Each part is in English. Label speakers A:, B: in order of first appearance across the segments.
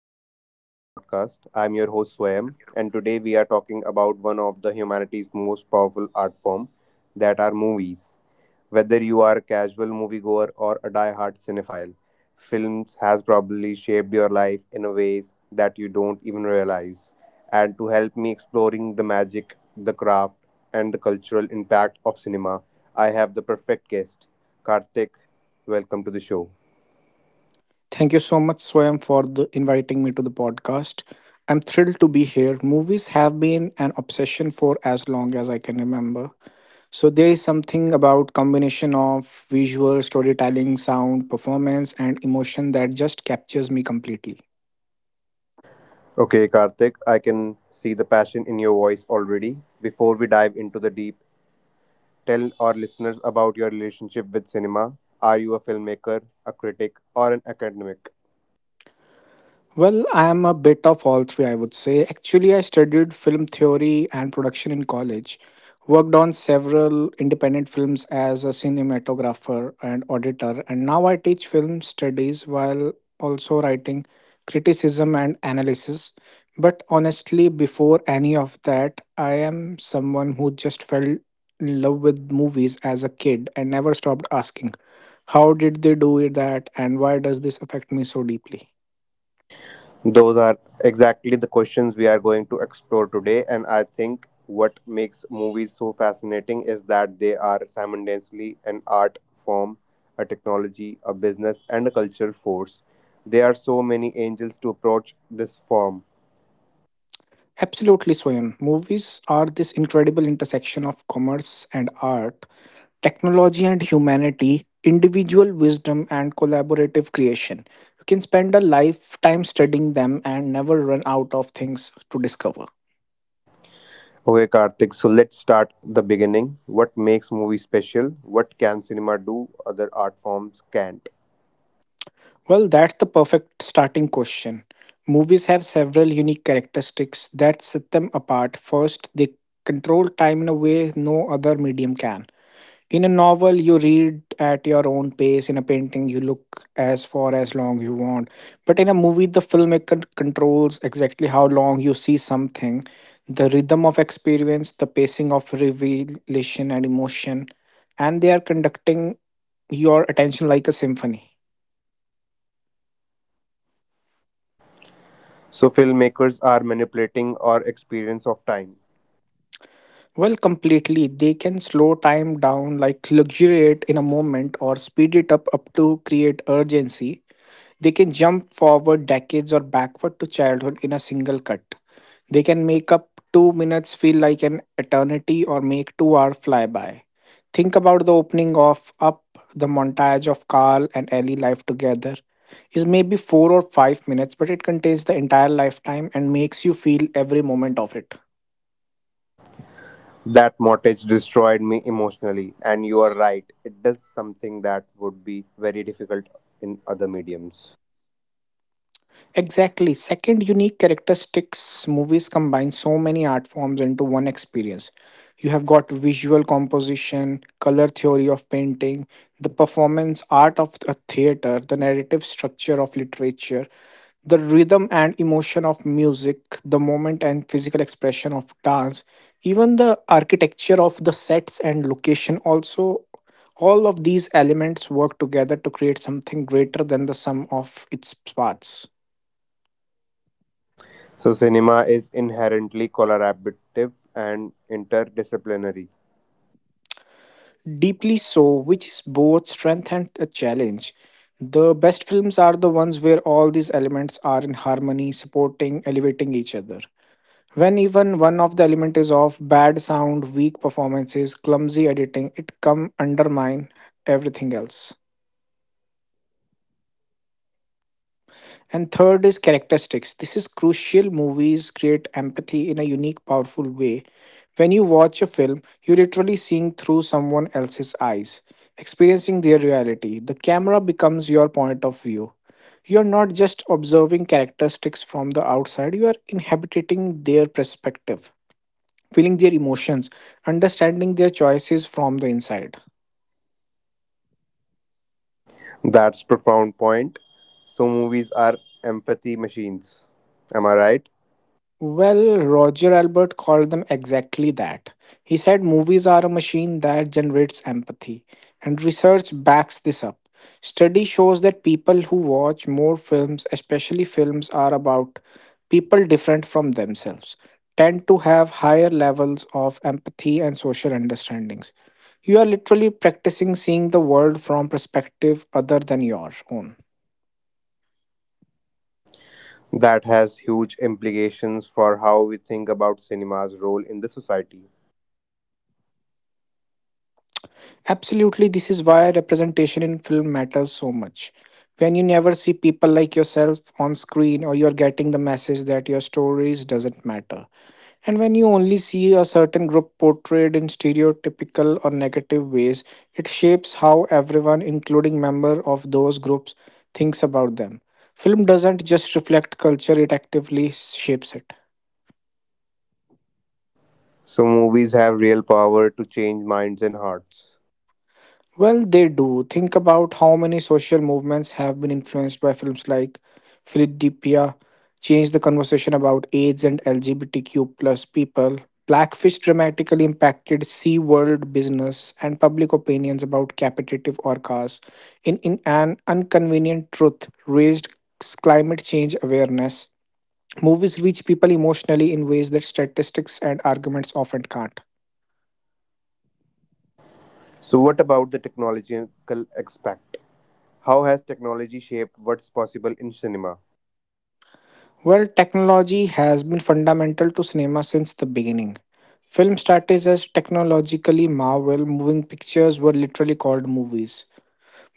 A: welcome to the TP podcast. I'm your host Swayam, and today we are talking about one of the humanity's most powerful art form, that are movies. Whether you are a casual moviegoer or a die-hard cinephile, films has probably shaped your life in a ways that you don't even realize. And to help me exploring the magic, the craft, and the cultural impact of cinema, I have the perfect guest, Karthik. Welcome to the show.
B: Thank you so much, Swayam, for inviting me to the podcast. I'm thrilled to be here. Movies have been an obsession for as long as I can remember. So there is something about combination of visual storytelling, sound, performance, and emotion that just captures me completely.
A: Okay, Karthik, I can see the passion in your voice already. Before we dive into the deep, tell our listeners about your relationship with cinema. Are you a filmmaker, a critic, or an academic?
B: Well, I am a bit of all three, I would say. Actually, I studied film theory and production in college, worked on several independent films as a cinematographer and auditor, and now I teach film studies while also writing criticism and analysis. But honestly, before any of that, I am someone who just fell in love with movies as a kid and never stopped asking, how did they do it that, and why does this affect me so deeply?
A: Those are exactly the questions we are going to explore today, and I think what makes movies so fascinating is that they are simultaneously an art form, a technology, a business, and a cultural force. There are so many angles to approach this form.
B: Absolutely, Swayam. Movies are this incredible intersection of commerce and art, technology and humanity, individual wisdom, and collaborative creation. You can spend a lifetime studying them and never run out of things to discover.
A: Okay, Karthik, so let's start the beginning. What makes movie special? What can cinema do other art forms can't?
B: Well, that's the perfect starting question. Movies have several unique characteristics that set them apart. First, they control time in a way no other medium can. In a novel, you read at your own pace. In a painting, you look as far as long you want. But in a movie, the filmmaker controls exactly how long you see something, the rhythm of experience, the pacing of revelation and emotion, and they are conducting your attention like a symphony.
A: So filmmakers are manipulating our experience of time.
B: Well, completely. They can slow time down, like luxuriate in a moment, or speed it up to create urgency. They can jump forward decades or backward to childhood in a single cut. They can make up 2 minutes feel like an eternity or make 2 hours fly by. Think about the opening of Up, the montage of Carl and Ellie life together is maybe 4 or 5 minutes, but it contains the entire lifetime and makes you feel every moment of it.
A: That mortgage destroyed me emotionally, and you are right. It does something that would be very difficult in other mediums.
B: Exactly. Second, unique characteristics. Movies combine so many art forms into one experience. You have got visual composition, color theory of painting, the performance art of a theater, the narrative structure of literature, the rhythm and emotion of music, the moment and physical expression of dance, even the architecture of the sets and location also all of these elements work together to create something greater than the sum of its parts.
A: So cinema is inherently collaborative and interdisciplinary.
B: Deeply so, which is both strength and a challenge. The best films are the ones where all these elements are in harmony, supporting, elevating each other. When even one of the element is off, bad sound, weak performances, clumsy editing, it come undermine everything else. And third is characteristics. This is crucial. Movies create empathy in a unique, powerful way. When you watch a film, you're literally seeing through someone else's eyes, experiencing their reality. The camera becomes your point of view. You're not just observing characteristics from the outside, you are inhabiting their perspective, feeling their emotions, understanding their choices from the inside.
A: That's profound point. So movies are empathy machines. Am I right?
B: Well, Roger Albert called them exactly that. He said movies are a machine that generates empathy, and research backs this up. Study shows that people who watch more films, especially films are about people different from themselves, tend to have higher levels of empathy and social understandings. You are literally practicing seeing the world from perspective other than your own.
A: That has huge implications for how we think about cinema's role in the society.
B: Absolutely, this is why representation in film matters so much. When you never see people like yourself on screen or you're getting the message that your stories doesn't matter. And when you only see a certain group portrayed in stereotypical or negative ways, it shapes how everyone, including member of those groups, thinks about them. Film doesn't just reflect culture, it actively shapes it.
A: So, movies have real power to change minds and hearts.
B: Well, they do. Think about how many social movements have been influenced by films like Philadelphia, changed the conversation about AIDS and LGBTQ plus people. Blackfish dramatically impacted Sea World business and public opinions about capitative orcas. In an inconvenient truth, raised climate change awareness. Movies reach people emotionally in ways that statistics and arguments often can't.
A: So, what about the technological aspect? How has technology shaped what's possible in cinema?
B: Well, technology has been fundamental to cinema since the beginning. Film started as technologically marvel, moving pictures were literally called movies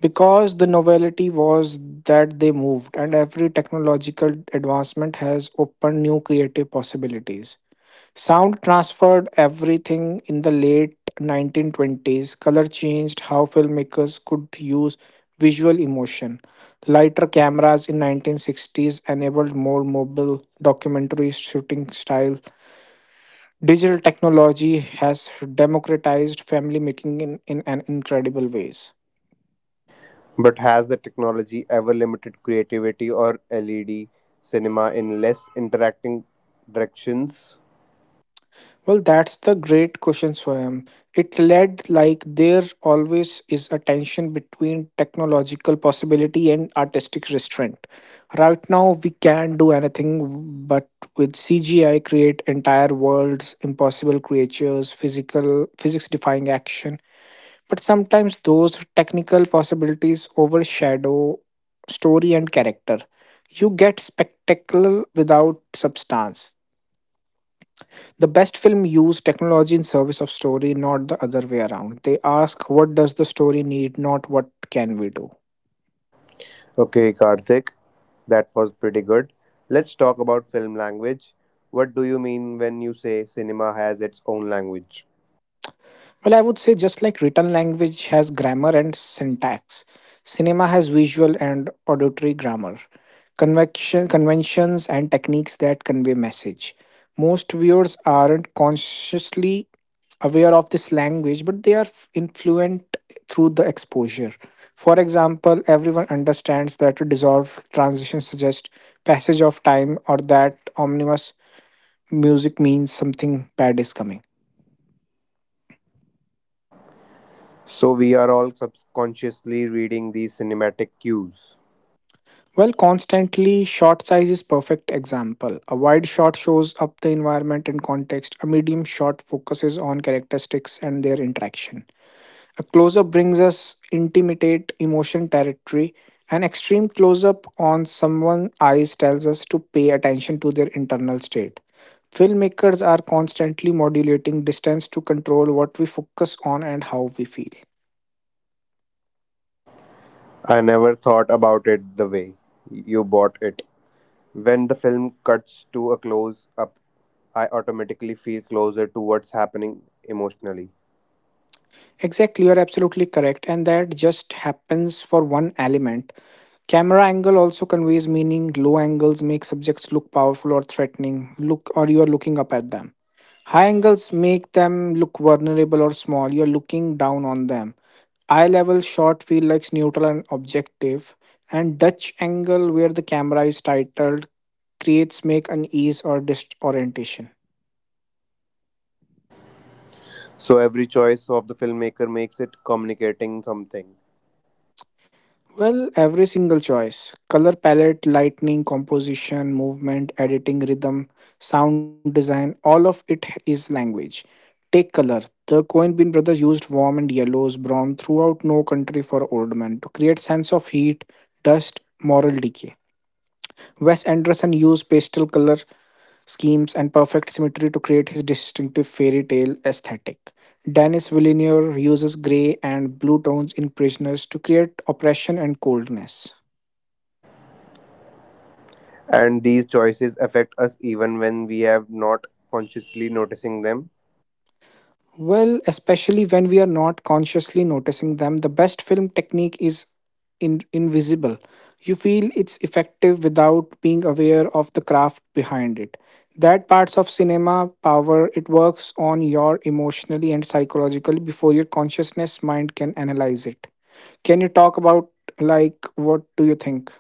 B: because the novelty was that they moved, and every technological advancement has opened new creative possibilities. Sound transferred everything in the late 1920s. Color changed how filmmakers could use visual emotion. Lighter cameras in 1960s enabled more mobile documentary shooting style. Digital technology has democratized family making in an incredible ways.
A: But has the technology ever limited creativity or led cinema in less interacting directions?
B: Well, that's the great question, Swayam. It led like there always is a tension between technological possibility and artistic restraint. Right now, we can do anything, but with CGI, create entire worlds, impossible creatures, physics-defying action. But sometimes those technical possibilities overshadow story and character. You get spectacle without substance. The best film use technology in service of story, not the other way around. They ask what does the story need, not what can we do.
A: Okay, Karthik, that was pretty good. Let's talk about film language. What do you mean when you say cinema has its own language?
B: Well, I would say just like written language has grammar and syntax, cinema has visual and auditory grammar, conventions and techniques that convey message. Most viewers aren't consciously aware of this language, but they are influenced through the exposure. For example, everyone understands that a dissolved transition suggests passage of time or that ominous music means something bad is coming.
A: So, we are all subconsciously reading these cinematic cues.
B: Well, constantly shot size is perfect example. A wide shot shows up the environment and context. A medium shot focuses on characteristics and their interaction. A close-up brings us intimate emotion territory. An extreme close-up on someone's eyes tells us to pay attention to their internal state. Filmmakers are constantly modulating distance to control what we focus on and how we feel.
A: I never thought about it the way you bought it. When the film cuts to a close up, I automatically feel closer to what's happening emotionally.
B: Exactly, you're absolutely correct. And that just happens for one element. Camera angle also conveys meaning. Low angles make subjects look powerful or threatening. Look or you're looking up at them. High angles make them look vulnerable or small. You're looking down on them. Eye level shot feel like neutral and objective. And Dutch angle where the camera is titled creates make unease or disorientation.
A: So, every choice of the filmmaker makes it communicating something.
B: Well, every single choice color palette, lighting, composition, movement, editing, rhythm, sound design all of it is language. Take color. The Coen Bean brothers used warm and yellows, brown throughout No Country for Old Men to create sense of heat, dust, moral decay. Wes Anderson used pastel color schemes and perfect symmetry to create his distinctive fairy tale aesthetic. Denis Villeneuve uses gray and blue tones in Prisoners to create oppression and coldness.
A: And these choices affect us even when we have not consciously noticing them.
B: Well, especially when we are not consciously noticing them, the best film technique is invisible. You feel it's effective without being aware of the craft behind it. That parts of cinema power it works on your emotionally and psychologically before your consciousness mind can analyze it. Can you talk about like what do you think?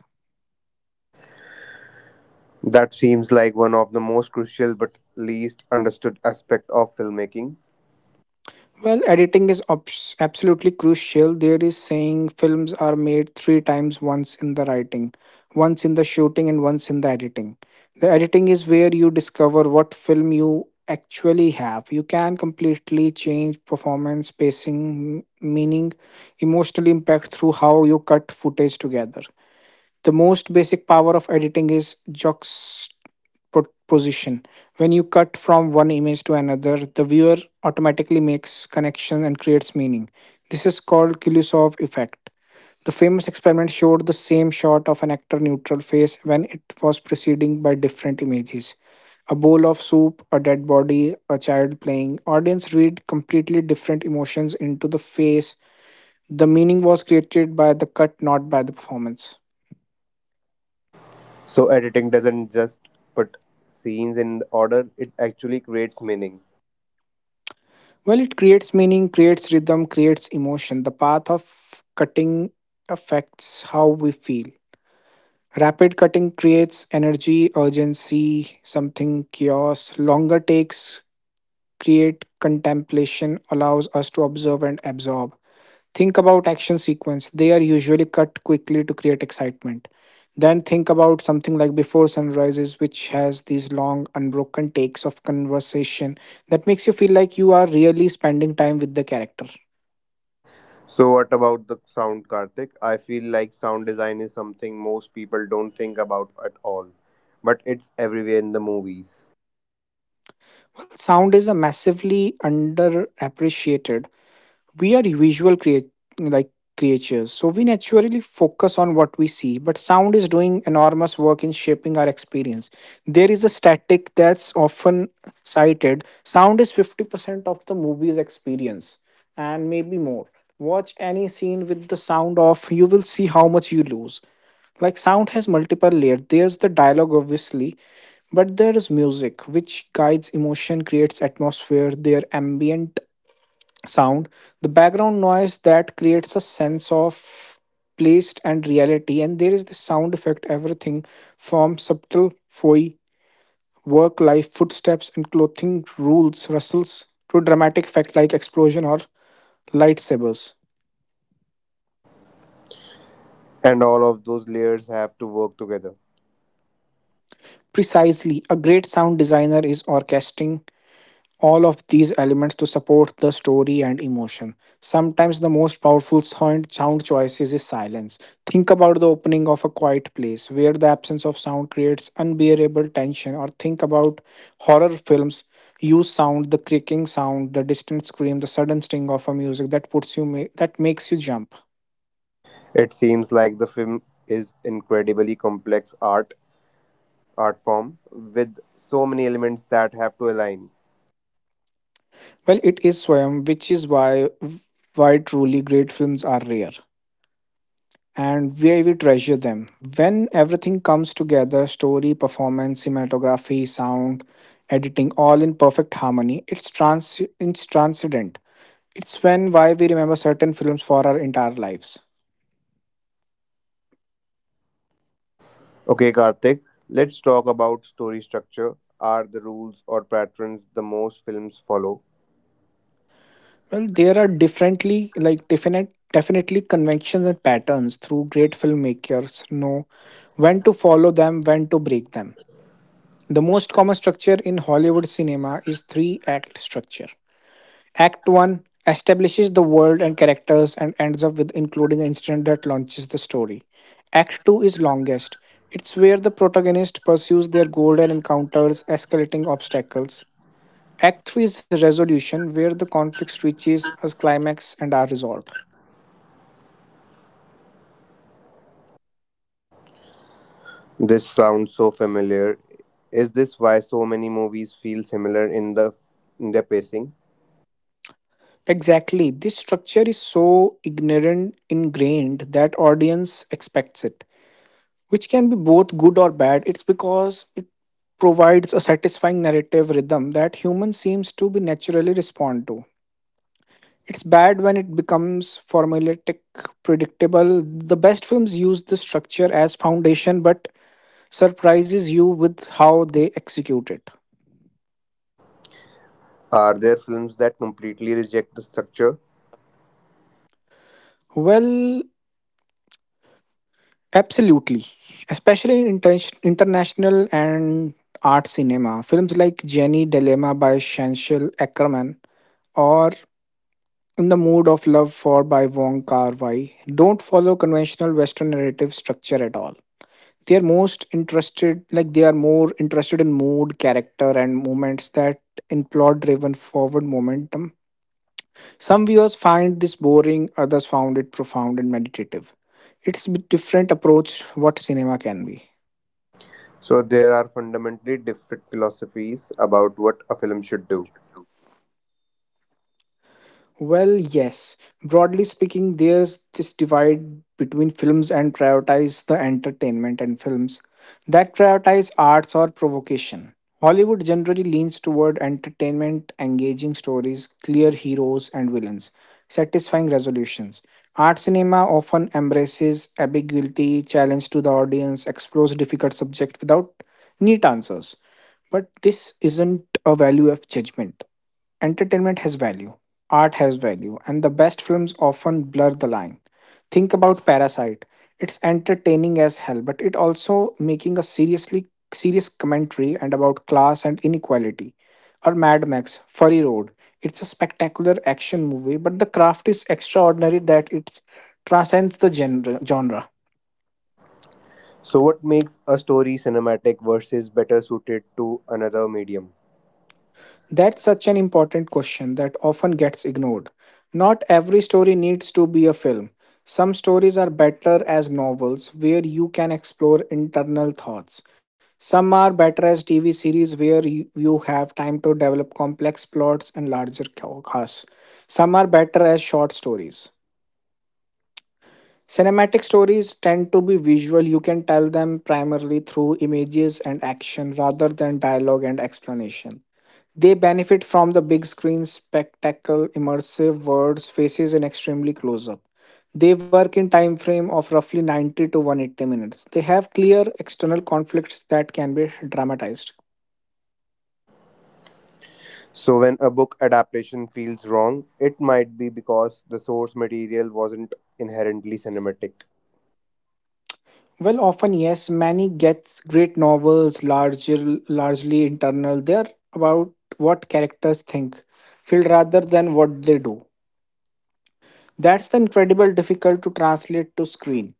A: That seems like one of the most crucial but least understood aspect of filmmaking.
B: Well, editing is absolutely crucial. There is saying films are made three times, once in the writing, once in the shooting, and once in the editing. The editing is where you discover what film you actually have. You can completely change performance, pacing, meaning, emotional impact through how you cut footage together. The most basic power of editing is po- position. When you cut from one image to another, the viewer automatically makes connection and creates meaning. This is called kulusov effect. The famous experiment showed the same shot of an actor neutral face. When it was preceding by different images, a bowl of soup, a dead body, a child playing, audience read completely different emotions into the face. The meaning was created by the cut, not by the performance.
A: So editing doesn't just put scenes in order, it actually creates meaning.
B: Well, it creates meaning, creates rhythm, creates emotion. The path of cutting affects how we feel. Rapid cutting creates energy, urgency, something chaos. Longer takes create contemplation, allows us to observe and absorb. Think about action sequence. They are usually cut quickly to create excitement. Then think about something like Before Sunrises, which has these long, unbroken takes of conversation that makes you feel like you are really spending time with the character.
A: So what about the sound, Karthik? I feel like sound design is something most people don't think about at all, but it's everywhere in the movies.
B: Well, sound is a massively underappreciated, we are visual create like creatures, so we naturally focus on what we see, but sound is doing enormous work in shaping our experience. There is a static that's often cited, sound is 50% of the movie's experience, and maybe more. Watch any scene with the sound off, you will see how much you lose. Like sound has multiple layers. There's the dialogue obviously, but there is music which guides emotion, creates atmosphere. There ambient sound, the background noise that creates a sense of place and reality. And there is the sound effect, everything from subtle foy, work life, footsteps, and clothing rustles, to dramatic effect like explosion or lightsabers.
A: And all of those layers have to work together.
B: Precisely, a great sound designer is orchestrating all of these elements to support the story and emotion. Sometimes the most powerful sound choices is silence. Think about the opening of A Quiet Place, where the absence of sound creates unbearable tension, or think about horror films. Use sound, the creaking sound, the distant scream, the sudden sting of a music that makes you jump.
A: It seems like the film is incredibly complex art form with so many elements that have to align.
B: Well, it is Swayam, which is why truly great films are rare. And we treasure them. When everything comes together, story, performance, cinematography, sound, editing, all in perfect harmony, it's transcendent. It's when why we remember certain films for our entire lives.
A: Okay, Karthik, let's talk about story structure. Are the rules or patterns the most films follow?
B: Well, there are differently like definite definitely conventions and patterns through great filmmakers know when to follow them, when to break them. The most common structure in Hollywood cinema is three act structure. Act 1 establishes the world and characters and ends up with including an incident that launches the story. Act 2 is longest. It's where the protagonist pursues their goal and encounters escalating obstacles. Act 3 is resolution, where the conflict reaches a climax and are resolved.
A: This sounds so familiar. Is this why so many movies feel similar in the in their pacing?
B: Exactly, this structure is so ignorant ingrained that audience expects it, which can be both good or bad. It's because it provides a satisfying narrative rhythm that humans seems to be naturally respond to. It's bad when it becomes formulaic, predictable. The best films use this structure as foundation but surprises you with how they execute it.
A: Are there films that completely reject the structure?
B: Well, absolutely. Especially in international and art cinema. Films like Jenny Dilemma by Shanshel Ackerman or In the Mood of Love for by Wong Kar-wai don't follow conventional Western narrative structure at all. They are more interested in mood, character, and moments that in plot-driven forward momentum. Some viewers find this boring, others found it profound and meditative. It's a bit different approach what cinema can be.
A: So there are fundamentally different philosophies about what a film should do.
B: Well, yes. Broadly speaking, there's this divide between films and prioritize the entertainment and films that prioritize arts or provocation. Hollywood generally leans toward entertainment, engaging stories, clear heroes and villains, satisfying resolutions. Art cinema often embraces ambiguity, challenge to the audience, explores difficult subject without neat answers. But this isn't a value of judgment. Entertainment has value, art has value, and the best films often blur the line. Think about Parasite. It's entertaining as hell, but it also making a serious commentary and about class and inequality. Or Mad Max, Fury Road. It's a spectacular action movie, but the craft is extraordinary that it transcends the genre.
A: So, what makes a story cinematic versus better suited to another medium?
B: That's such an important question that often gets ignored. Not every story needs to be a film. Some stories are better as novels where you can explore internal thoughts. Some are better as TV series where you have time to develop complex plots and larger casts. Some are better as short stories. Cinematic stories tend to be visual. You can tell them primarily through images and action rather than dialogue and explanation. They benefit from the big screen spectacle, immersive words, faces, and extremely close up. They work in time frame of roughly 90 to 180 minutes. They have clear external conflicts that can be dramatized.
A: So, when a book adaptation feels wrong, it might be because the source material wasn't inherently cinematic.
B: Well, often yes, many gets great novels, largely internal. They are about what characters think, feel rather than what they do. That's the incredible difficult to translate to screen.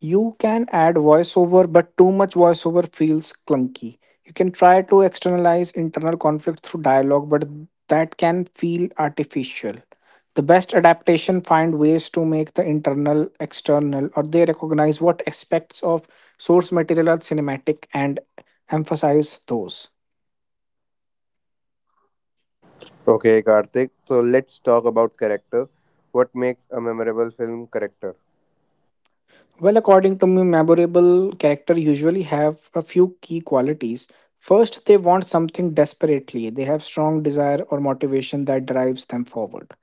B: You can add voiceover, but too much voiceover feels clunky. You can try to externalize internal conflict through dialogue, but that can feel artificial. The best adaptation find ways to make the internal external, or they recognize what aspects of source material are cinematic and emphasize those.
A: Okay, Karthik, so let's talk about character. What makes a memorable film character?
B: Well, according to me, memorable character usually have a few key qualities. First, they want something desperately. They have strong desire or motivation that drives them forward.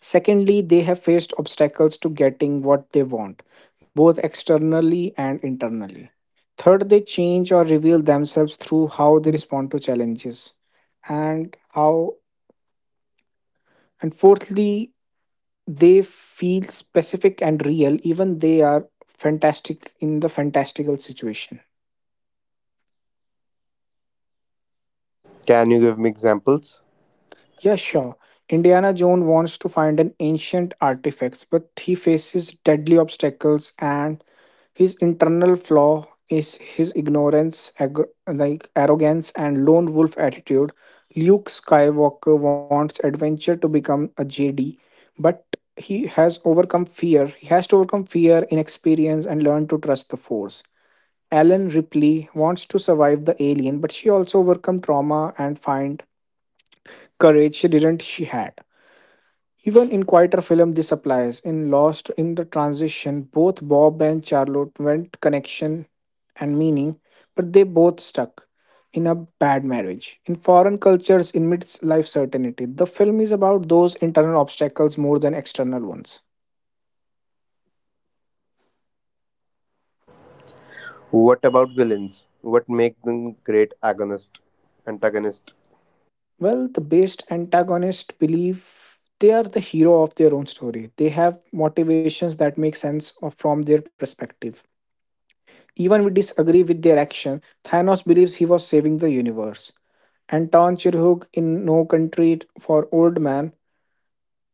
B: Secondly, they have faced obstacles to getting what they want, both externally and internally. Third, they change or reveal themselves through how they respond to challenges and how and fourthly they feel specific and real even they are fantastic in the fantastical situation.
A: Can you give me examples?
B: Yeah, sure. Indiana Jones wants to find an ancient artifact but he faces deadly obstacles and his internal flaw is his ignorance ag- like arrogance and lone wolf attitude. Luke Skywalker wants adventure to become a Jedi, but he has to overcome fear, inexperience and learn to trust the force. Ellen Ripley wants to survive the alien, but she also overcome trauma and find courage she didn't she had. Even in quieter film, this applies. In Lost in the Transition, both Bob and Charlotte went connection and meaning, but they both stuck in a bad marriage. In foreign cultures, in midlife certainty, the film is about those internal obstacles more than external ones.
A: What about villains? What makes them great agonist, antagonist?
B: Well, the based antagonist believe they are the hero of their own story. They have motivations that make sense of, from their perspective. Even we disagree with their action, Thanos believes he was saving the universe. And Tan Chirhug in No Country for Old Man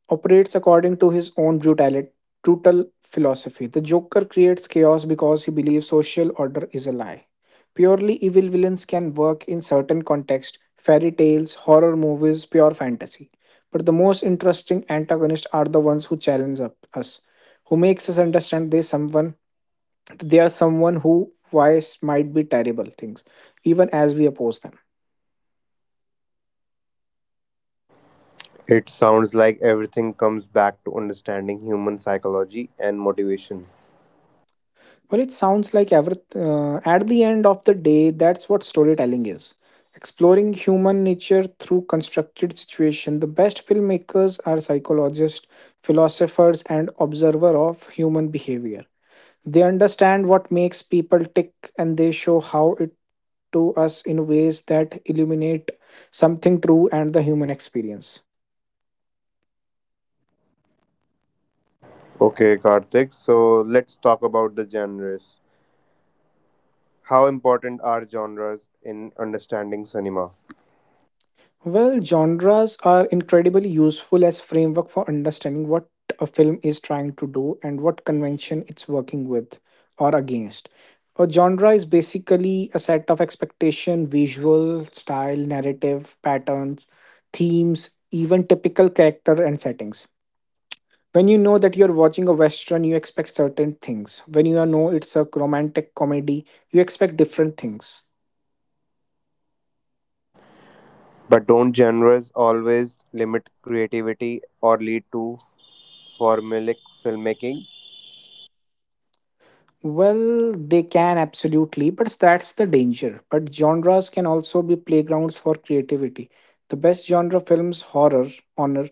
B: operates according to his own brutal philosophy. The Joker creates chaos because he believes social order is a lie. Purely evil villains can work in certain contexts, fairy tales, horror movies, pure fantasy. But the most interesting antagonists are the ones who us, who makes us understand they are someone who wise might be terrible things, even as we oppose them.
A: It sounds like everything comes back to understanding human psychology and motivation.
B: Well, it sounds like at the end of the day, that's what storytelling is. Exploring human nature through constructed situation. The best filmmakers are psychologists, philosophers, and observer of human behavior. They understand what makes people tick and they show how it to us in ways that illuminate something true and the human experience.
A: Okay, Karthik. So let's talk about the genres. How important are genres in understanding cinema?
B: Well, genres are incredibly useful as framework for understanding what a film is trying to do and what convention it's working with or against. A genre is basically a set of expectation, visual, style, narrative, patterns, themes, even typical character and settings. When you know that you're watching a western, you expect certain things. When you know it's a romantic comedy, you expect different things.
A: But don't genres always limit creativity or lead to formulaic filmmaking?
B: Well, they can absolutely, but that's the danger. But genres can also be playgrounds for creativity. The best genre films horror honor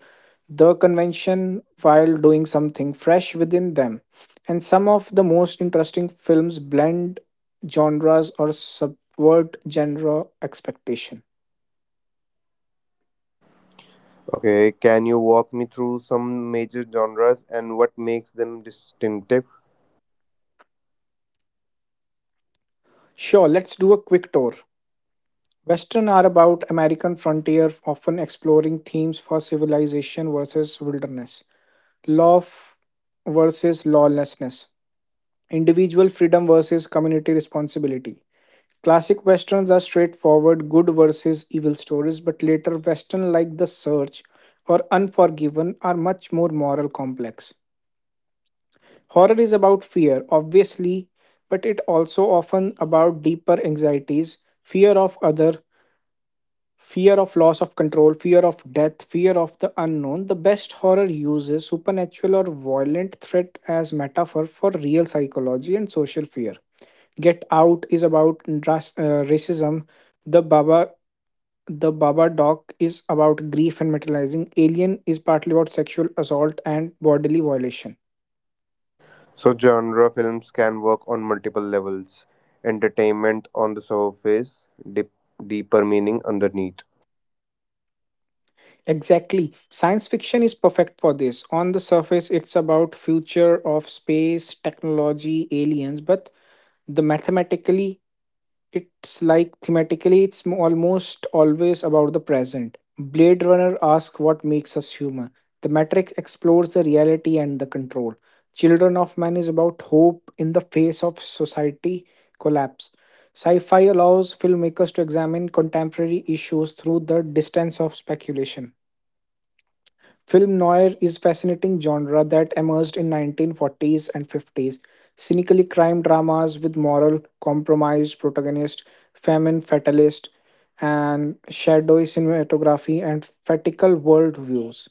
B: the convention while doing something fresh within them. And some of the most interesting films blend genres or subvert genre expectation.
A: Okay, can you walk me through some major genres and what makes them distinctive?
B: Sure, let's do a quick tour. Western are about American frontier, often exploring themes for civilization versus wilderness. law f- versus lawlessness, individual freedom versus community responsibility. Classic westerns are straightforward good versus evil stories, but later westerns like The Search or Unforgiven are much more moral complex. Horror is about fear, obviously, but it also often about deeper anxieties, fear of other, fear of loss of control, fear of death, fear of the unknown. The best horror uses supernatural or violent threat as metaphor for real psychology and social fear. Get Out is about racism. The Baba the Baba Doc is about grief and materializing. Alien is partly about sexual assault and bodily violation.
A: So, genre films can work on multiple levels, entertainment on the surface, deep, deeper meaning underneath.
B: Exactly. Science fiction is perfect for this. On the surface, it's about future of space, technology, aliens, but the mathematically thematically, almost always about the present. Blade Runner asks what makes us human. The Matrix explores the reality and the control. Children of Man is about hope in the face of society collapse. Sci fi allows filmmakers to examine contemporary issues through the distance of speculation. Film noir is fascinating genre that emerged in 1940s and 50s. Cynically crime dramas with moral compromised protagonists, famine fatalist, and shadowy cinematography and fatical world views.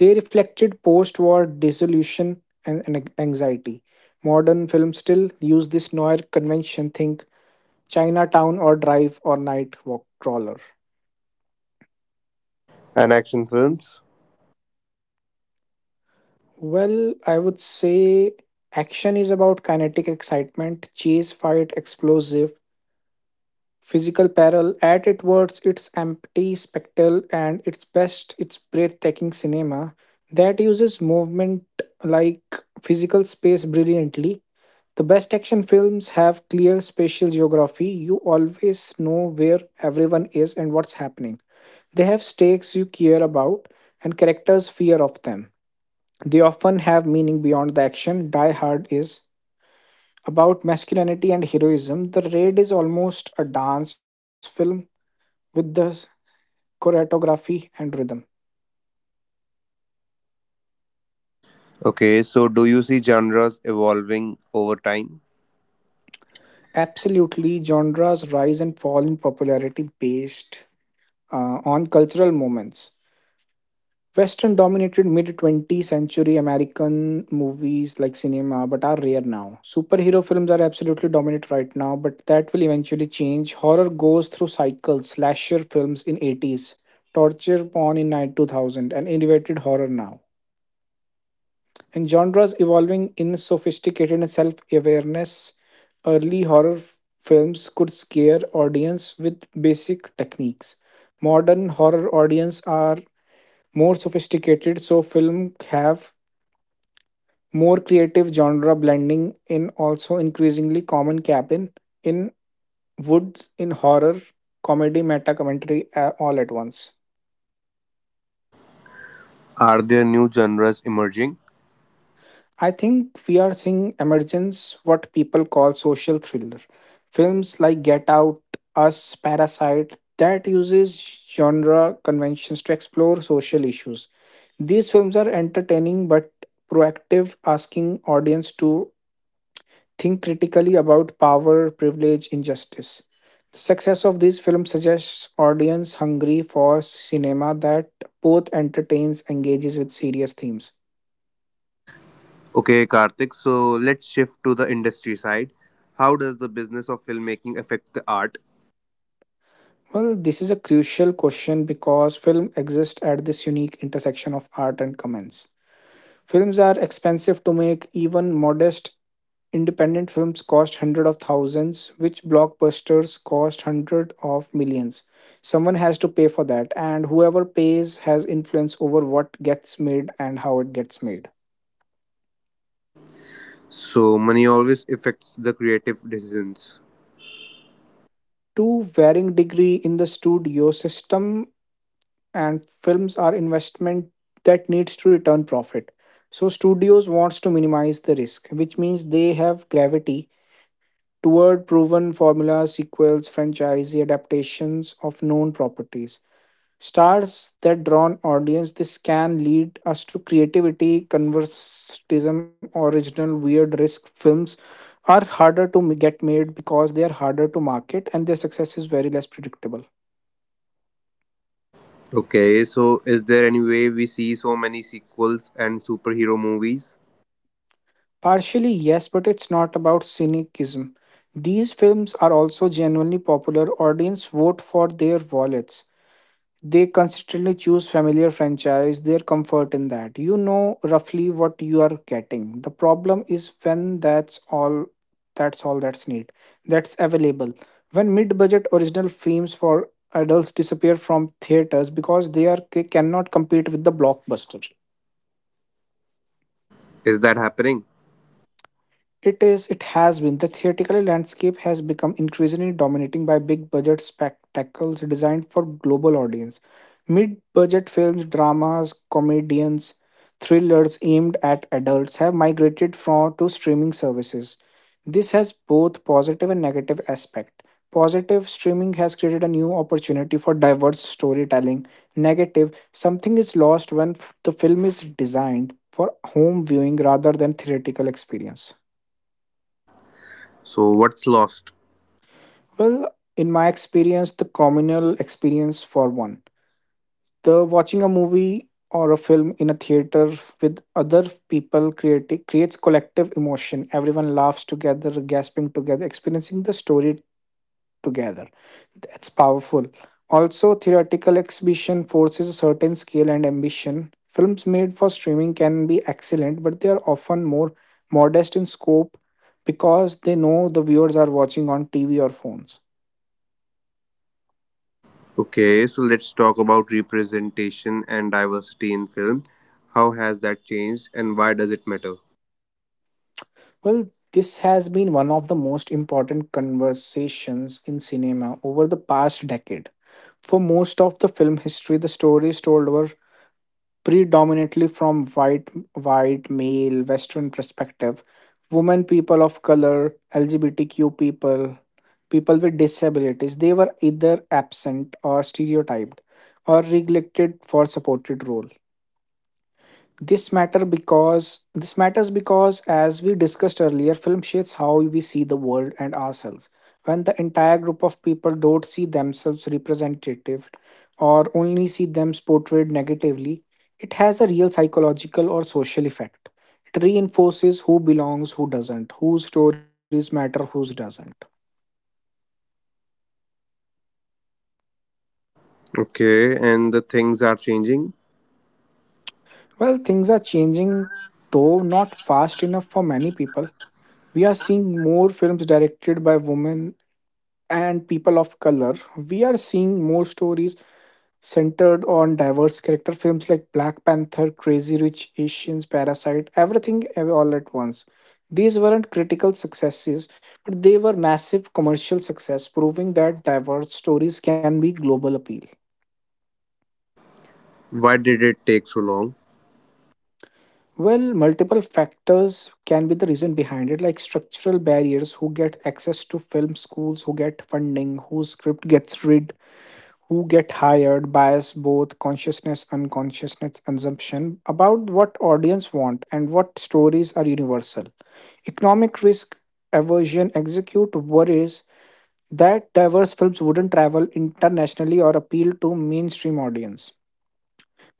B: They reflected post-war dissolution and anxiety. Modern films still use this noir convention. Think Chinatown or Drive or Night Walk Crawler.
A: And action films?
B: Well, I would say action is about kinetic excitement, chase, fight, explosive, physical peril. At its worst, it's empty spectacle, and its best, it's breathtaking cinema that uses movement like physical space brilliantly. The best action films have clear spatial geography. You always know where everyone is and what's happening. They have stakes you care about, and characters fear of them. They often have meaning beyond the action. Die Hard is about masculinity and heroism. The Raid is almost a dance film with the choreography and rhythm.
A: Okay, so do you see genres evolving over time?
B: Absolutely, genres rise and fall in popularity based on cultural moments. Western dominated mid 20th century American movies like cinema, but are rare now. Superhero films are absolutely dominant right now, but that will eventually change. Horror goes through cycles, slasher films in 80s, torture porn in 9 2000, and innovated horror now. And genres evolving in sophisticated and self-awareness. Early horror films could scare audience with basic techniques. Modern horror audience are more sophisticated so film have more creative genre blending in also increasingly common cabin in woods in horror comedy meta commentary all at once.
A: Are there new genres emerging?
B: I think we are seeing emergence what people call social thriller films like Get Out, Us, Parasite that uses genre conventions to explore social issues. These films are entertaining but proactive asking audience to think critically about power, privilege, injustice. The success of this film suggests audience hungry for cinema that both entertains and engages with serious themes.
A: Okay, Karthik, so let's shift to the industry side. How does the business of filmmaking affect the art?
B: Well, this is a crucial question because film exists at this unique intersection of art and commerce. Films are expensive to make, even modest independent films cost hundreds of thousands, which blockbusters cost hundreds of millions. Someone has to pay for that, and whoever pays has influence over what gets made and how it gets made.
A: So, money always affects the creative decisions.
B: To varying degree in the studio system, and films are investment that needs to return profit. So studios wants to minimize the risk, which means they have gravity toward proven formulas, sequels, franchise adaptations of known properties. Stars that draw an audience this can lead us to creativity, conservatism, original weird risk films are harder to get made because they are harder to market and their success is very less predictable.
A: Okay, so is there any way we see so many sequels and superhero movies?
B: Partially, yes, but it's not about cynicism. These films are also genuinely popular. Audience vote for their wallets. They consistently choose familiar franchise, their comfort in that. You know roughly what you are getting. The problem is when that's all that's need. That's available. When mid-budget original films for adults disappear from theaters because they cannot compete with the blockbuster.
A: Is that happening?
B: It is, it has been. The theatrical landscape has become increasingly dominating by big budget spectacles designed for global audience. Mid-budget films, dramas, comedians, thrillers aimed at adults have migrated from to streaming services. This has both positive and negative aspect. Positive streaming has created a new opportunity for diverse storytelling. Negative, something is lost when the film is designed for home viewing rather than theatrical experience.
A: So, what's lost?
B: Well, in my experience, the communal experience for one, the watching a movie or a film in a theater with other people creates collective emotion. Everyone laughs together, gasping together, experiencing the story together. That's powerful. Also, theoretical exhibition forces a certain skill and ambition. Films made for streaming can be excellent, but they are often more modest in scope because they know the viewers are watching on TV or phones.
A: Okay, so let's talk about representation and diversity in film. How has that changed and why does it matter?
B: Well, this has been one of the most important conversations in cinema over the past decade. For most of the film history, the stories told were predominantly from white, male Western perspective. Women, people of color, LGBTQ people, people with disabilities, they were either absent or stereotyped or neglected for supported role. This matters because as we discussed earlier, film shapes how we see the world and ourselves. When the entire group of people don't see themselves representative or only see them portrayed negatively, it has a real psychological or social effect. It reinforces who belongs, who doesn't, whose stories matter, whose doesn't.
A: Okay, and the things are changing.
B: Well, things are changing, though not fast enough for many people. We are seeing more films directed by women and people of color, we are seeing more stories centered on diverse character films like Black Panther, Crazy Rich Asians, Parasite, everything all at once. These weren't critical successes, but they were massive commercial success, proving that diverse stories can be global appeal.
A: Why did it take so long?
B: Well, multiple factors can be the reason behind it, like structural barriers, who get access to film schools, who get funding, whose script gets read, who get hired bias both consciousness unconsciousness assumption about what audience want and what stories are universal economic risk aversion execute worries that diverse films wouldn't travel internationally or appeal to mainstream audience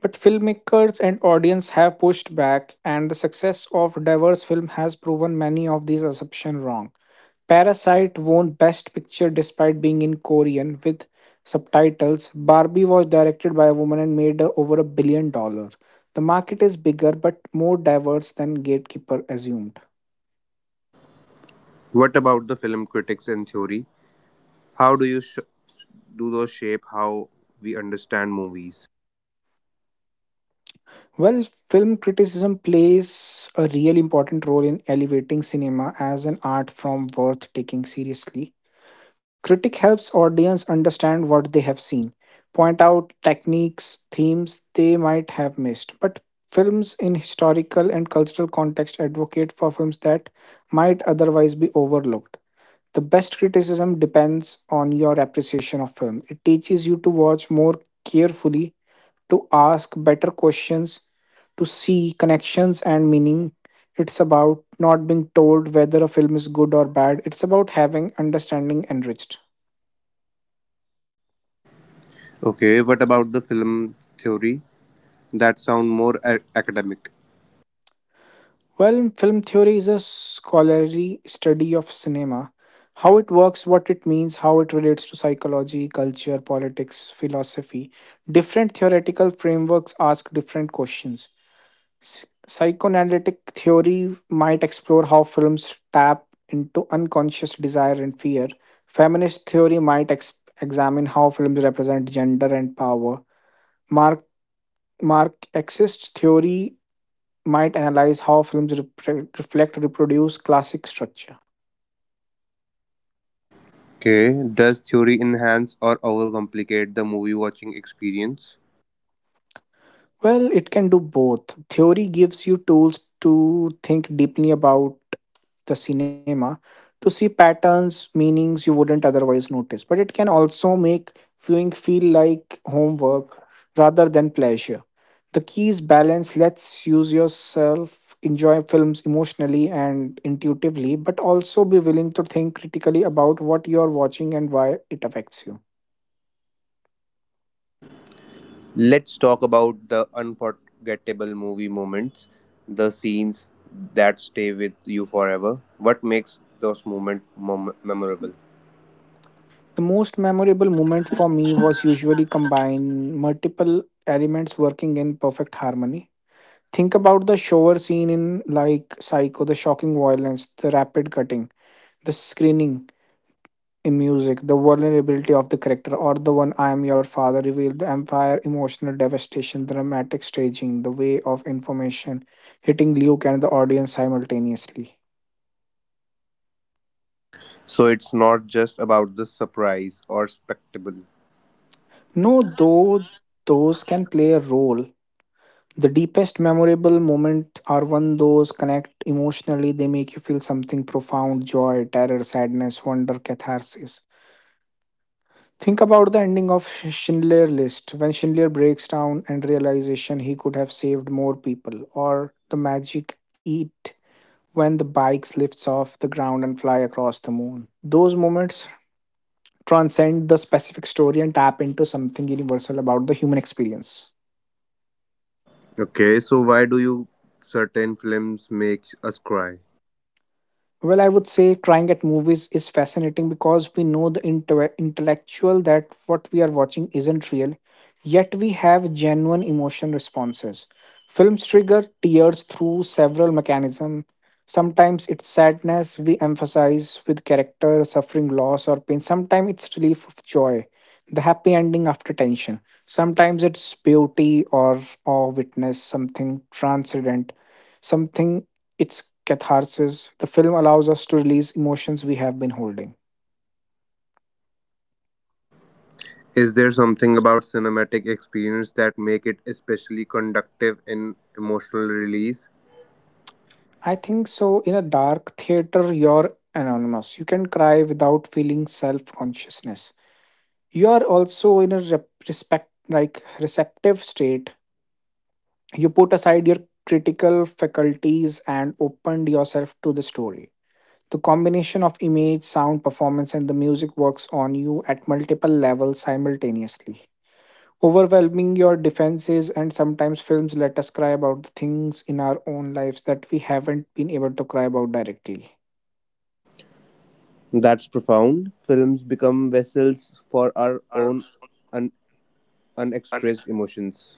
B: but filmmakers and audience have pushed back, and the success of diverse film has proven many of these assumptions wrong. Parasite won Best Picture despite being in Korean with subtitles. Barbie was directed by a woman and made over $1 billion. The market is bigger but more diverse than Gatekeeper assumed.
A: What about the film critics and theory? How do do those shape how we understand movies?
B: Well, film criticism plays a really important role in elevating cinema as an art form worth taking seriously. Critic helps audience understand what they have seen, point out techniques, themes they might have missed. But films in historical and cultural context advocate for films that might otherwise be overlooked. The best criticism depends on your appreciation of film. It teaches you to watch more carefully, to ask better questions, to see connections and meaning. It's about not being told whether a film is good or bad. It's about having understanding enriched.
A: Okay, what about the film theory? That sound more academic.
B: Well, film theory is a scholarly study of cinema, how it works, what it means, how it relates to psychology, culture, politics, philosophy. Different theoretical frameworks ask different questions. Psychoanalytic theory might explore how films tap into unconscious desire and fear. Feminist theory might examine how films represent gender and power. Mark Marxist theory might analyze how films reflect reproduce classic structure.
A: Okay, does theory enhance or overcomplicate the movie watching experience?
B: Well, it can do both. Theory gives you tools to think deeply about the cinema, to see patterns meanings you wouldn't otherwise notice, but it can also make viewing feel like homework rather than pleasure. The key is balance. Let's use yourself enjoy films emotionally and intuitively, but also be willing to think critically about what you're watching and why it affects you.
A: Let's talk about the unforgettable movie moments, the scenes that stay with you forever. What makes those moments memorable?
B: The most memorable moment for me was usually combine multiple elements working in perfect harmony. Think about the shower scene in like Psycho, the shocking violence, the rapid cutting, the screening in music, the vulnerability of the character, or the one I am your father revealed, the empire, emotional devastation, the dramatic staging, the way of information hitting Luke and the audience simultaneously.
A: So it's not just about the surprise or spectacle.
B: No, though those can play a role, the deepest memorable moments are when those connect emotionally. They make you feel something profound joy, terror, sadness, wonder, catharsis. Think about the ending of Schindler's List when Schindler breaks down and realization he could have saved more people, or the magic eat when the bikes lifts off the ground and fly across the moon. Those moments transcend the specific story and tap into something universal about the human experience.
A: Okay, so why do you certain films make us cry?
B: Well, I would say crying at movies is fascinating because we know the intellectual that what we are watching isn't real, yet we have genuine emotion responses. Films trigger tears through several mechanisms. Sometimes it's sadness we emphasize with character suffering loss or pain. Sometimes it's relief of joy, the happy ending after tension. Sometimes it's beauty or witness something transcendent, something it's catharsis. The film allows us to release emotions we have been holding.
A: Is there something about cinematic experience that make it especially conductive in emotional release?
B: I think so. In a dark theater, you're anonymous. You can cry without feeling self consciousness. You are also in a respect, like receptive state. You put aside your critical faculties and opened yourself to the story. The combination of image, sound, performance, and the music works on you at multiple levels simultaneously, overwhelming your defenses, and sometimes films let us cry about the things in our own lives that we haven't been able to cry about directly.
A: That's profound. Films become vessels for our own un- unexpressed emotions.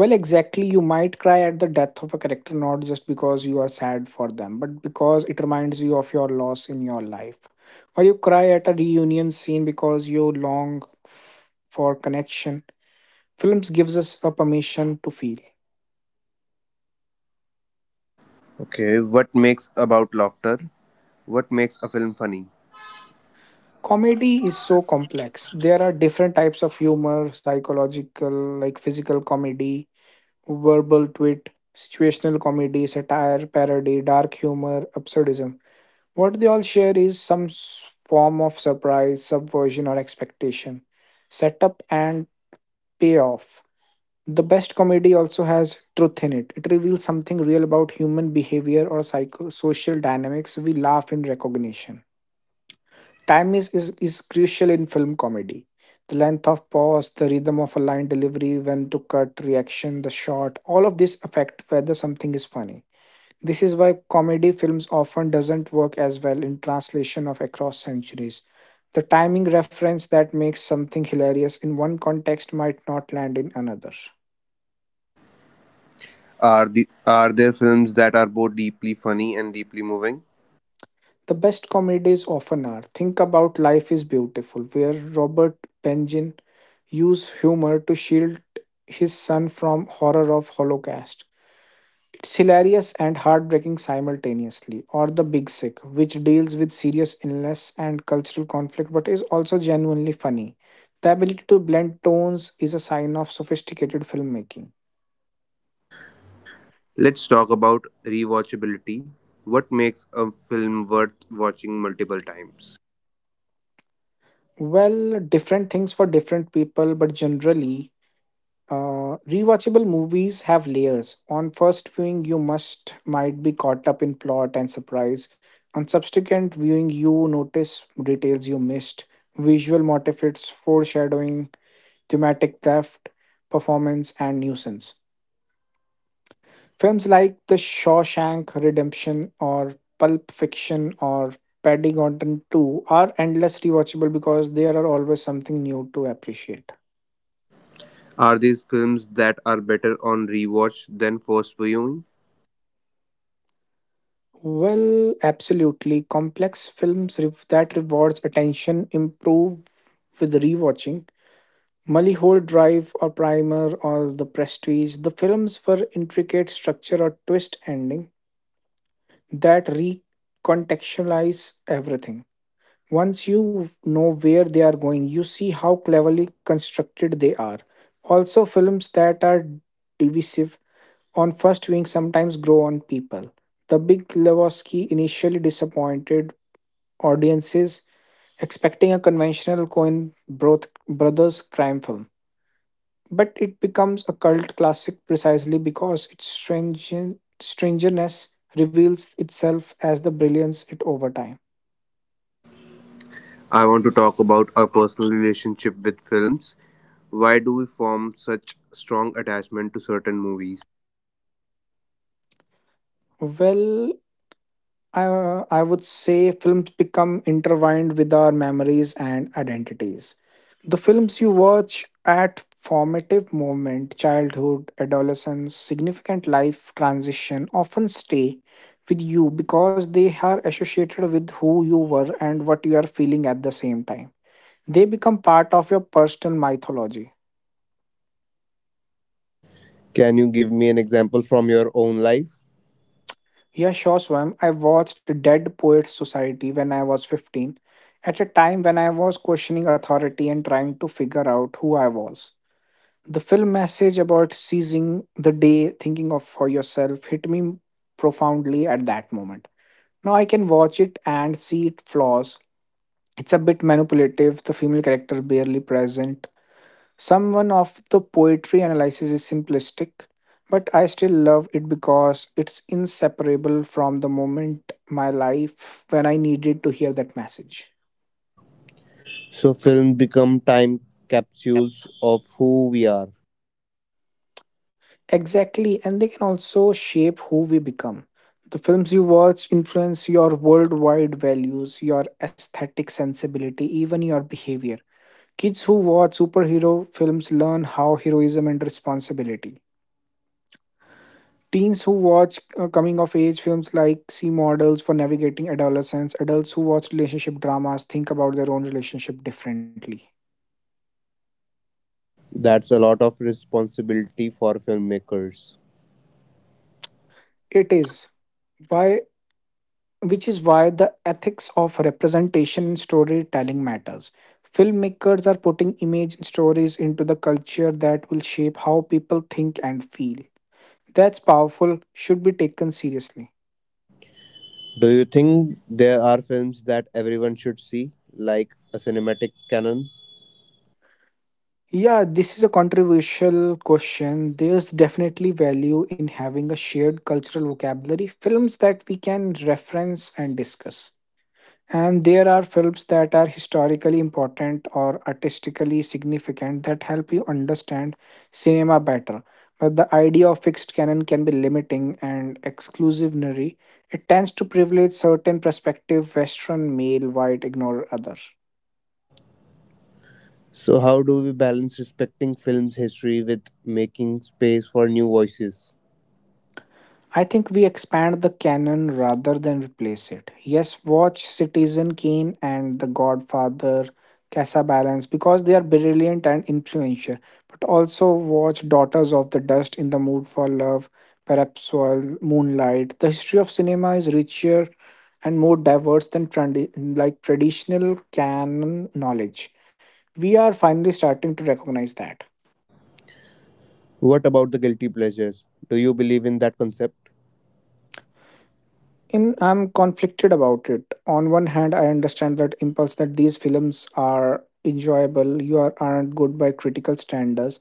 B: Well, exactly, you might cry at the death of a character not just because you are sad for them but because it reminds you of your loss in your life, or you cry at a reunion scene because you long for connection. Films gives us a permission to feel.
A: Okay, what makes about laughter? What makes a film funny?
B: Comedy is so complex. There are different types of humor psychological like physical comedy, verbal wit, situational comedy, satire, parody, dark humor, absurdism. What they all share is some form of surprise, subversion, or expectation, setup, and payoff. The best comedy also has truth in it. It reveals something real about human behavior or social dynamics. We laugh in recognition. Time is crucial in film comedy. The length of pause, the rhythm of a line delivery, when to cut, reaction, the shot, all of this affect whether something is funny. This is why comedy films often doesn't work as well in translation of across centuries. The timing reference that makes something hilarious in one context might not land in another.
A: Are there films that are both deeply funny and deeply moving?
B: The best comedies often are. Think about Life is Beautiful, where Robert Benjin used humor to shield his son from horror of Holocaust. It's hilarious and heartbreaking simultaneously. Or The Big Sick, which deals with serious illness and cultural conflict but is also genuinely funny. The ability to blend tones is a sign of sophisticated filmmaking.
A: Let's talk about rewatchability. What makes a film worth watching multiple times?
B: Well, different things for different people, but generally, rewatchable movies have layers. On first viewing, you must might be caught up in plot and surprise. On subsequent viewing, you notice details you missed, visual motifs, foreshadowing, thematic theft, performance, and nuisance. Films like The Shawshank Redemption or Pulp Fiction or Paddington 2 are endless rewatchable because there are always something new to appreciate.
A: Are these films that are better on rewatch than first viewing?
B: Well, absolutely. Complex films that rewards attention improve with rewatching. Mulholland Drive or Primer or The Prestige, the films for intricate structure or twist ending that recontextualize everything. Once you know where they are going, you see how cleverly constructed they are. Also, films that are divisive on first viewing sometimes grow on people. The Big Lebowski initially disappointed audiences expecting a conventional brothers crime film. But it becomes a cult classic precisely because its stringent, strangeness reveals itself as the brilliance it over time.
A: I want to talk about our personal relationship with films. Why do we form such strong attachment to certain movies?
B: Well, I would say films become intertwined with our memories and identities. The films you watch at formative moment, childhood, adolescence, significant life transition often stay with you because they are associated with who you were and what you are feeling at the same time. They become part of your personal mythology.
A: Can you give me an example from your own life?
B: Yeah, sure, Swam. I watched Dead Poets Society when I was 15, at a time when I was questioning authority and trying to figure out who I was. The film message about seizing the day, thinking of for yourself, hit me profoundly at that moment. Now I can watch it and see its flaws. It's a bit manipulative, the female character barely present, someone of the poetry analysis is simplistic, but I still love it because it's inseparable from the moment my life when I needed to hear that message.
A: So films become time capsules of who we are.
B: Exactly, and they can also shape who we become. The films you watch influence your worldwide values, your aesthetic sensibility, even your behavior. Kids who watch superhero films learn how heroism and responsibility. Teens who watch coming of age films like see models for navigating adolescence. Adults who watch relationship dramas think about their own relationship differently.
A: That's a lot of responsibility for filmmakers.
B: It is why, which is why the ethics of representation and storytelling matters. Filmmakers are putting image and stories into the culture that will shape how people think and feel. That's powerful, should be taken seriously.
A: Do you think there are films that everyone should see, like a cinematic canon?
B: Yeah, this is a controversial question. There's definitely value in having a shared cultural vocabulary, films that we can reference and discuss. And there are films that are historically important or artistically significant that help you understand cinema better. But the idea of fixed canon can be limiting and exclusionary. It tends to privilege certain perspective, Western male, white, ignore other.
A: So, how do we balance respecting film's history with making space for new voices?
B: I think we expand the canon rather than replace it. Yes, watch Citizen Kane and The Godfather, Casabalans because they are brilliant and influential. But also watch Daughters of the Dust, In the Mood for Love, perhaps while Moonlight. The history of cinema is richer and more diverse than traditional canon knowledge. We are finally starting to recognize that.
A: What about the guilty pleasures? Do you believe in that concept?
B: In I'm conflicted about it. On one hand, I understand that impulse, that these films are enjoyable, aren't good by critical standards.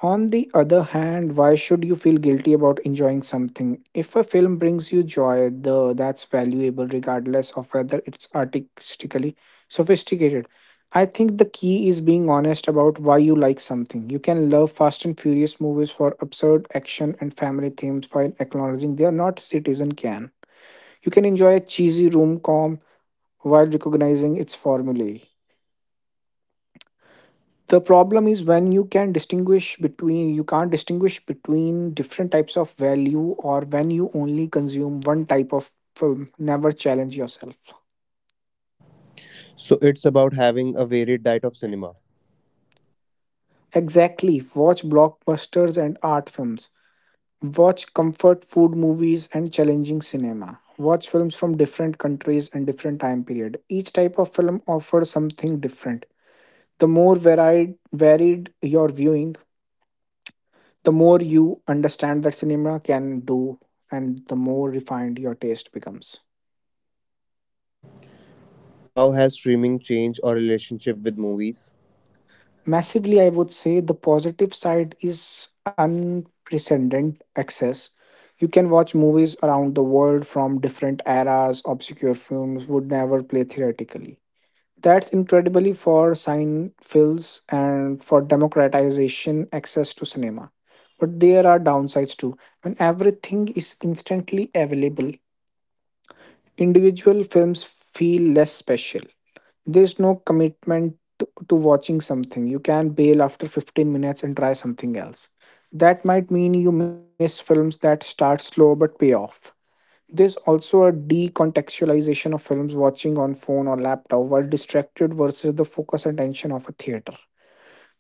B: On the other hand, why should you feel guilty about enjoying something? If a film brings you joy, the that's valuable regardless of whether it's artistically sophisticated. I think the key is being honest about why you like something. You can love Fast and Furious movies for absurd action and family themes while acknowledging they are not Citizen Can. You can enjoy a cheesy room com while recognizing its formulae. The problem is when you can distinguish between you can't distinguish between different types of value, or when you only consume one type of film. Never challenge yourself.
A: So, it's about having a varied diet of cinema.
B: Exactly. Watch blockbusters and art films. Watch comfort food movies and challenging cinema. Watch films from different countries and different time period. Each type of film offers something different. The more varied your viewing, the more you understand that cinema can do, and the more refined your taste becomes.
A: How has streaming changed our relationship with movies?
B: Massively, I would say. The positive side is unprecedented access. You can watch movies around the world from different eras, obscure films would never play theoretically. That's incredibly for films and for democratization access to cinema. But there are downsides too. When everything is instantly available, individual films feel less special. There's no commitment to watching something. You can bail after 15 minutes and try something else. That might mean you miss films that start slow but pay off. There's also a decontextualization of films, watching on phone or laptop while distracted versus the focus and attention of a theater.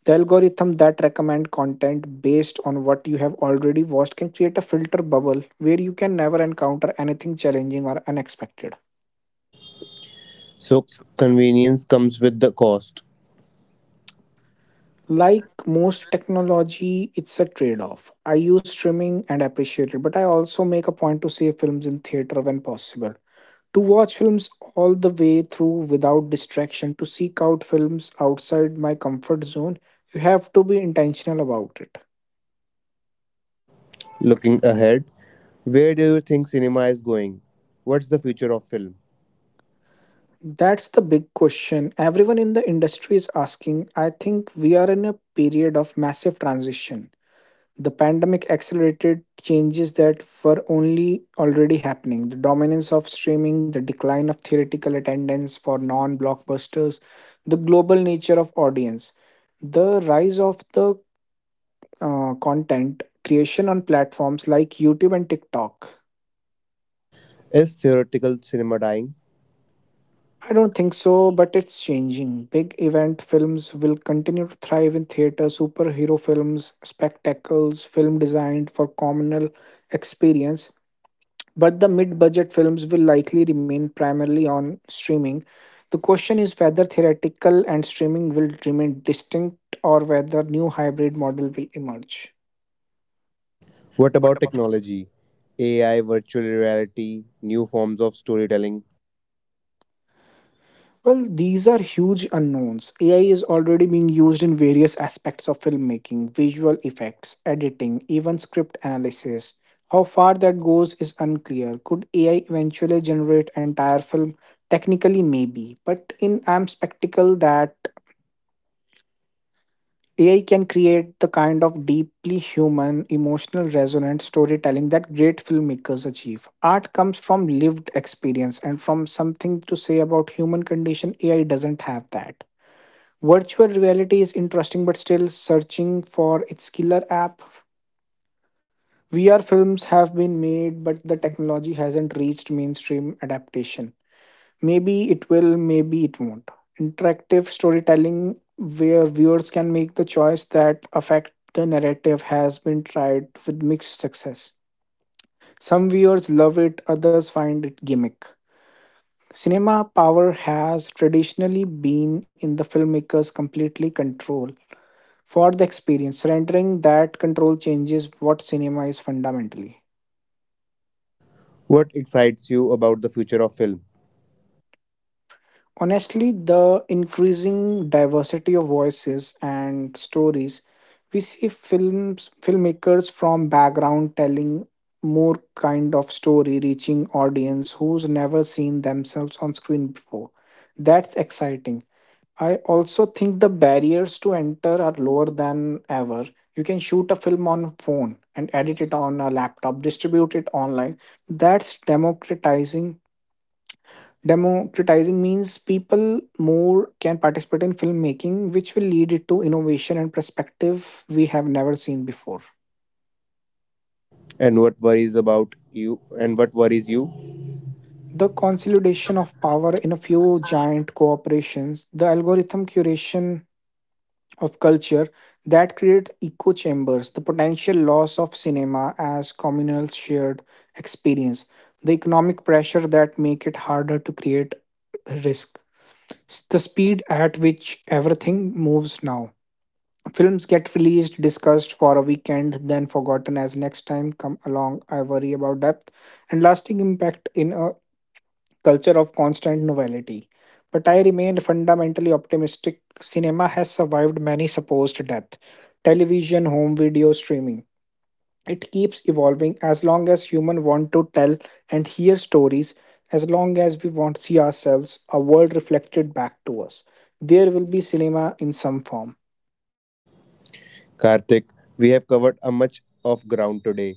B: The algorithm that recommend content based on what you have already watched can create a filter bubble where you can never encounter anything challenging or unexpected.
A: So, convenience comes with the cost.
B: Like most technology, it's a trade off. I use streaming and appreciate it, but I also make a point to see films in theater when possible. To watch films all the way through without distraction, to seek out films outside my comfort zone, you have to be intentional about it.
A: Looking ahead, where do you think cinema is going? What's the future of film?
B: That's the big question everyone in the industry is asking. I think we are in a period of massive transition. The pandemic accelerated changes that were only already happening. The dominance of streaming, the decline of theoretical attendance for non blockbusters, the global nature of audience, the rise of the content creation on platforms like YouTube and TikTok.
A: Is theoretical cinema dying?
B: I don't think so, but it's changing. Big event films will continue to thrive in theater, superhero films, spectacles, film designed for communal experience. But the mid budget films will likely remain primarily on streaming. The question is whether theoretical and streaming will remain distinct or whether new hybrid model will emerge.
A: What about technology? AI, virtual reality, new forms of storytelling.
B: Well, these are huge unknowns. AI is already being used in various aspects of filmmaking, visual effects, editing, even script analysis. How far that goes is unclear. Could AI eventually generate entire film? Technically, maybe, but in I'm spectacle that AI can create the kind of deeply human, emotional, resonant storytelling that great filmmakers achieve. Art comes from lived experience and from something to say about human condition. AI doesn't have that. Virtual reality is interesting but still searching for its killer app. VR films have been made but the technology hasn't reached mainstream adaptation. Maybe it will, maybe it won't. Interactive storytelling, where viewers can make the choice that affect the narrative, has been tried with mixed success. Some viewers love it, others find it gimmick. Cinema power has traditionally been in the filmmaker's completely control for the experience, rendering that control changes what cinema is fundamentally.
A: What excites you about the future of film?
B: Honestly, the increasing diversity of voices and stories, we see films filmmakers from background telling more kind of story reaching audience who's never seen themselves on screen before. That's exciting. I also think the barriers to enter are lower than ever. You can shoot a film on phone and edit it on a laptop, distribute it online. That's democratizing. Democratizing means people more can participate in filmmaking, which will lead it to innovation and perspective we have never seen before.
A: And what worries about you and what worries you?
B: The consolidation of power in a few giant corporations, the algorithm curation of culture that create echo chambers, the potential loss of cinema as communal shared experience, the economic pressure that make it harder to create risk, the speed at which everything moves now. Films get released, discussed for a weekend, then forgotten as next time come along. I worry about depth and lasting impact in a culture of constant novelty. But I remain fundamentally optimistic. Cinema has survived many supposed death. Television, home video, streaming. It keeps evolving as long as humans want to tell and hear stories, as long as we want to see ourselves, a world reflected back to us. There will be cinema in some form.
A: Karthik, we have covered a much of ground today.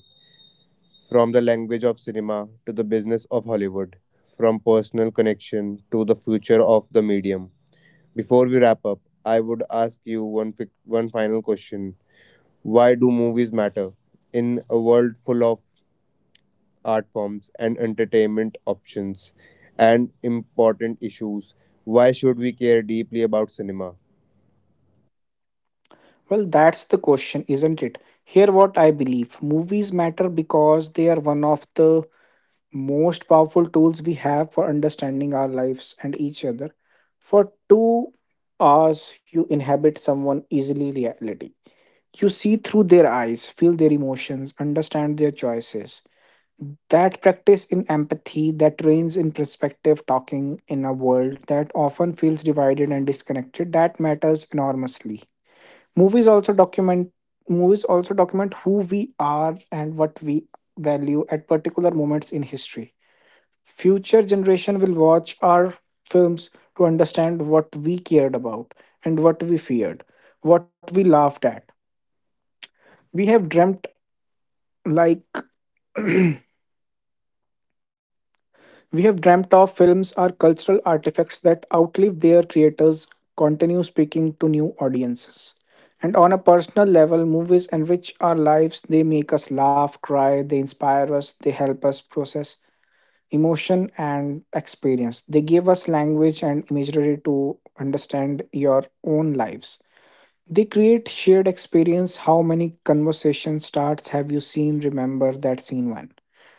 A: From the language of cinema to the business of Hollywood, from personal connection to the future of the medium. Before we wrap up, I would ask you one final question. Why do movies matter? In a world full of art forms, and entertainment options, and important issues. Why should we care deeply about cinema?
B: Well, that's the question, isn't it? Here, what I believe movies matter because they are one of the most powerful tools we have for understanding our lives and each other. For 2 hours, you inhabit someone easily reality. You see through their eyes, feel their emotions, understand their choices. That practice in empathy, that trains in perspective talking in a world that often feels divided and disconnected, that matters enormously. Movies also document movies also document who we are and what we value at particular moments in history. Future generation will watch our films to understand what we cared about, and what we feared, what we laughed at, we have dreamt like we have dreamt of. Films are cultural artifacts that outlive their creators, continue speaking to new audiences. And on a personal level, movies enrich our lives. They make us laugh, cry, they inspire us, they help us process emotion and experience. They give us language and imagery to understand your own lives. They create shared experience. How many conversation starts have you seen? Remember that scene one.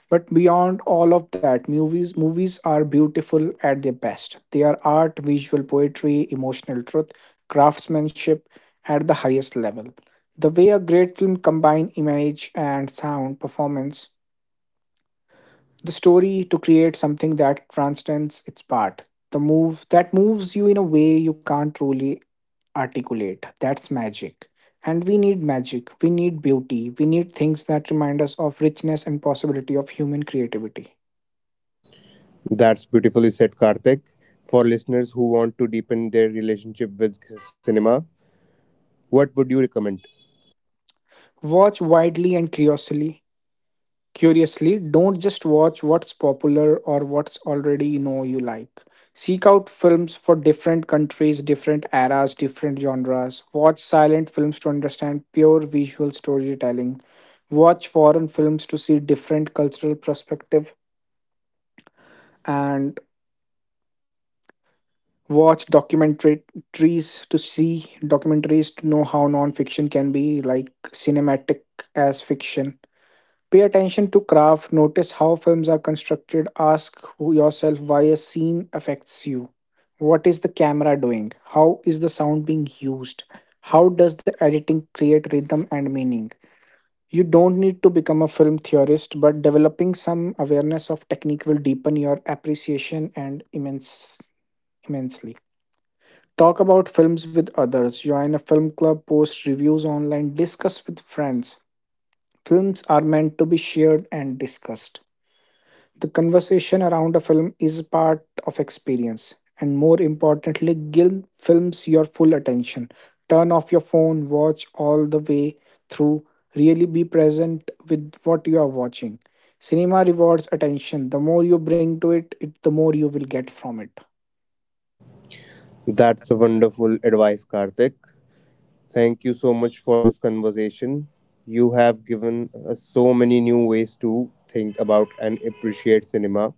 B: But beyond all of that, movies are beautiful at their best. They are art, visual poetry, emotional truth, craftsmanship at the highest level. The way a great film combines image and sound performance the story to create something that transcends its part, the move that moves you in a way you can't truly articulate, that's magic. And we need magic, we need beauty, we need things that remind us of richness and possibility of human creativity.
A: That's beautifully said, Karthik. For listeners who want to deepen their relationship with cinema, what would you recommend?
B: Watch widely and curiously. Curiously, don't just watch what's popular or what's already you know you like. Seek out films for different countries, different eras, different genres. Watch silent films to understand pure visual storytelling. Watch foreign films to see different cultural perspective, and watch documentaries to see documentaries to know how non-fiction can be like cinematic as fiction. Pay attention to craft, notice how films are constructed, ask yourself why a scene affects you. What is the camera doing? How is the sound being used? How does the editing create rhythm and meaning? You don't need to become a film theorist, but developing some awareness of technique will deepen your appreciation and immensely. Talk about films with others, join a film club, post reviews online, discuss with friends. Films are meant to be shared and discussed. The conversation around a film is part of experience, and more importantly, give films your full attention. Turn off your phone, watch all the way through, really be present with what you are watching. Cinema rewards attention. The more you bring to it, the more you will get from it.
A: That's a wonderful advice, Karthik. Thank you so much for this conversation. You have given us so many new ways to think about and appreciate cinema.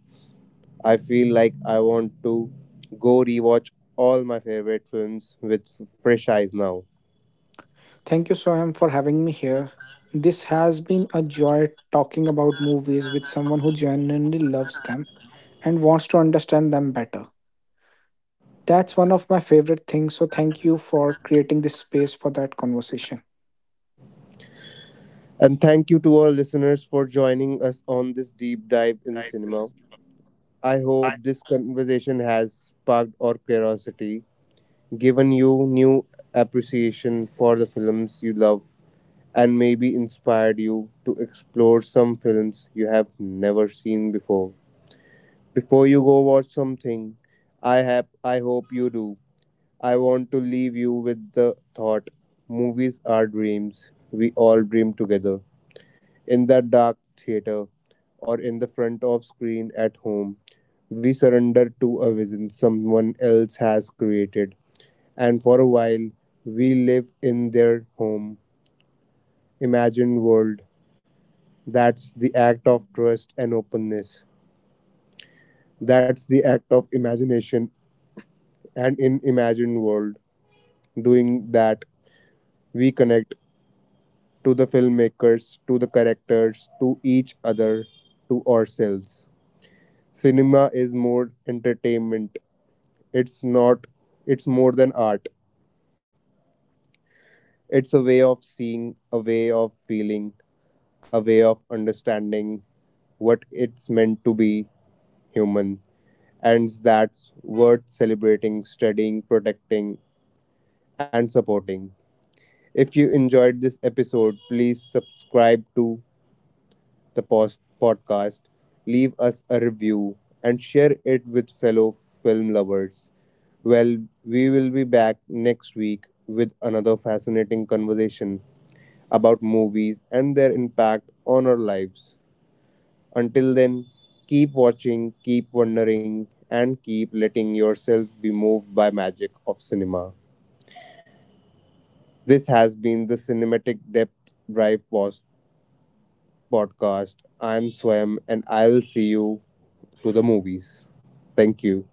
A: I feel like I want to go rewatch all my favorite films with fresh eyes now.
B: Thank you, Soham, for having me here. This has been a joy talking about movies with someone who genuinely loves them and wants to understand them better. That's one of my favorite things. So thank you for creating this space for that conversation.
A: And thank you to our listeners for joining us on this deep dive in cinema. I hope this conversation has sparked our curiosity, given you new appreciation for the films you love, and maybe inspired you to explore some films you have never seen before. Before you go watch something, I hope you do. I want to leave you with the thought movies are dreams. We all dream together. In that dark theater or in the front of screen at home, we surrender to a vision someone else has created. And for a while, we live in their home, imagined world. That's the act of trust and openness. That's the act of imagination. And in imagined world, doing that, we connect to the filmmakers, to the characters, to each other, to ourselves. Cinema is more entertainment. It's not, It's more than art. It's a way of seeing, a way of feeling, a way of understanding what it's meant to be human. And that's worth celebrating, studying, protecting, and supporting. If you enjoyed this episode, please subscribe to the podcast, leave us a review, and share it with fellow film lovers. Well, we will be back next week with another fascinating conversation about movies and their impact on our lives. Until then, keep watching, keep wondering, and keep letting yourself be moved by magic of cinema. This has been the Cinematic Depth Drive Post podcast. I'm Swayam, and I will see you to the movies. Thank you.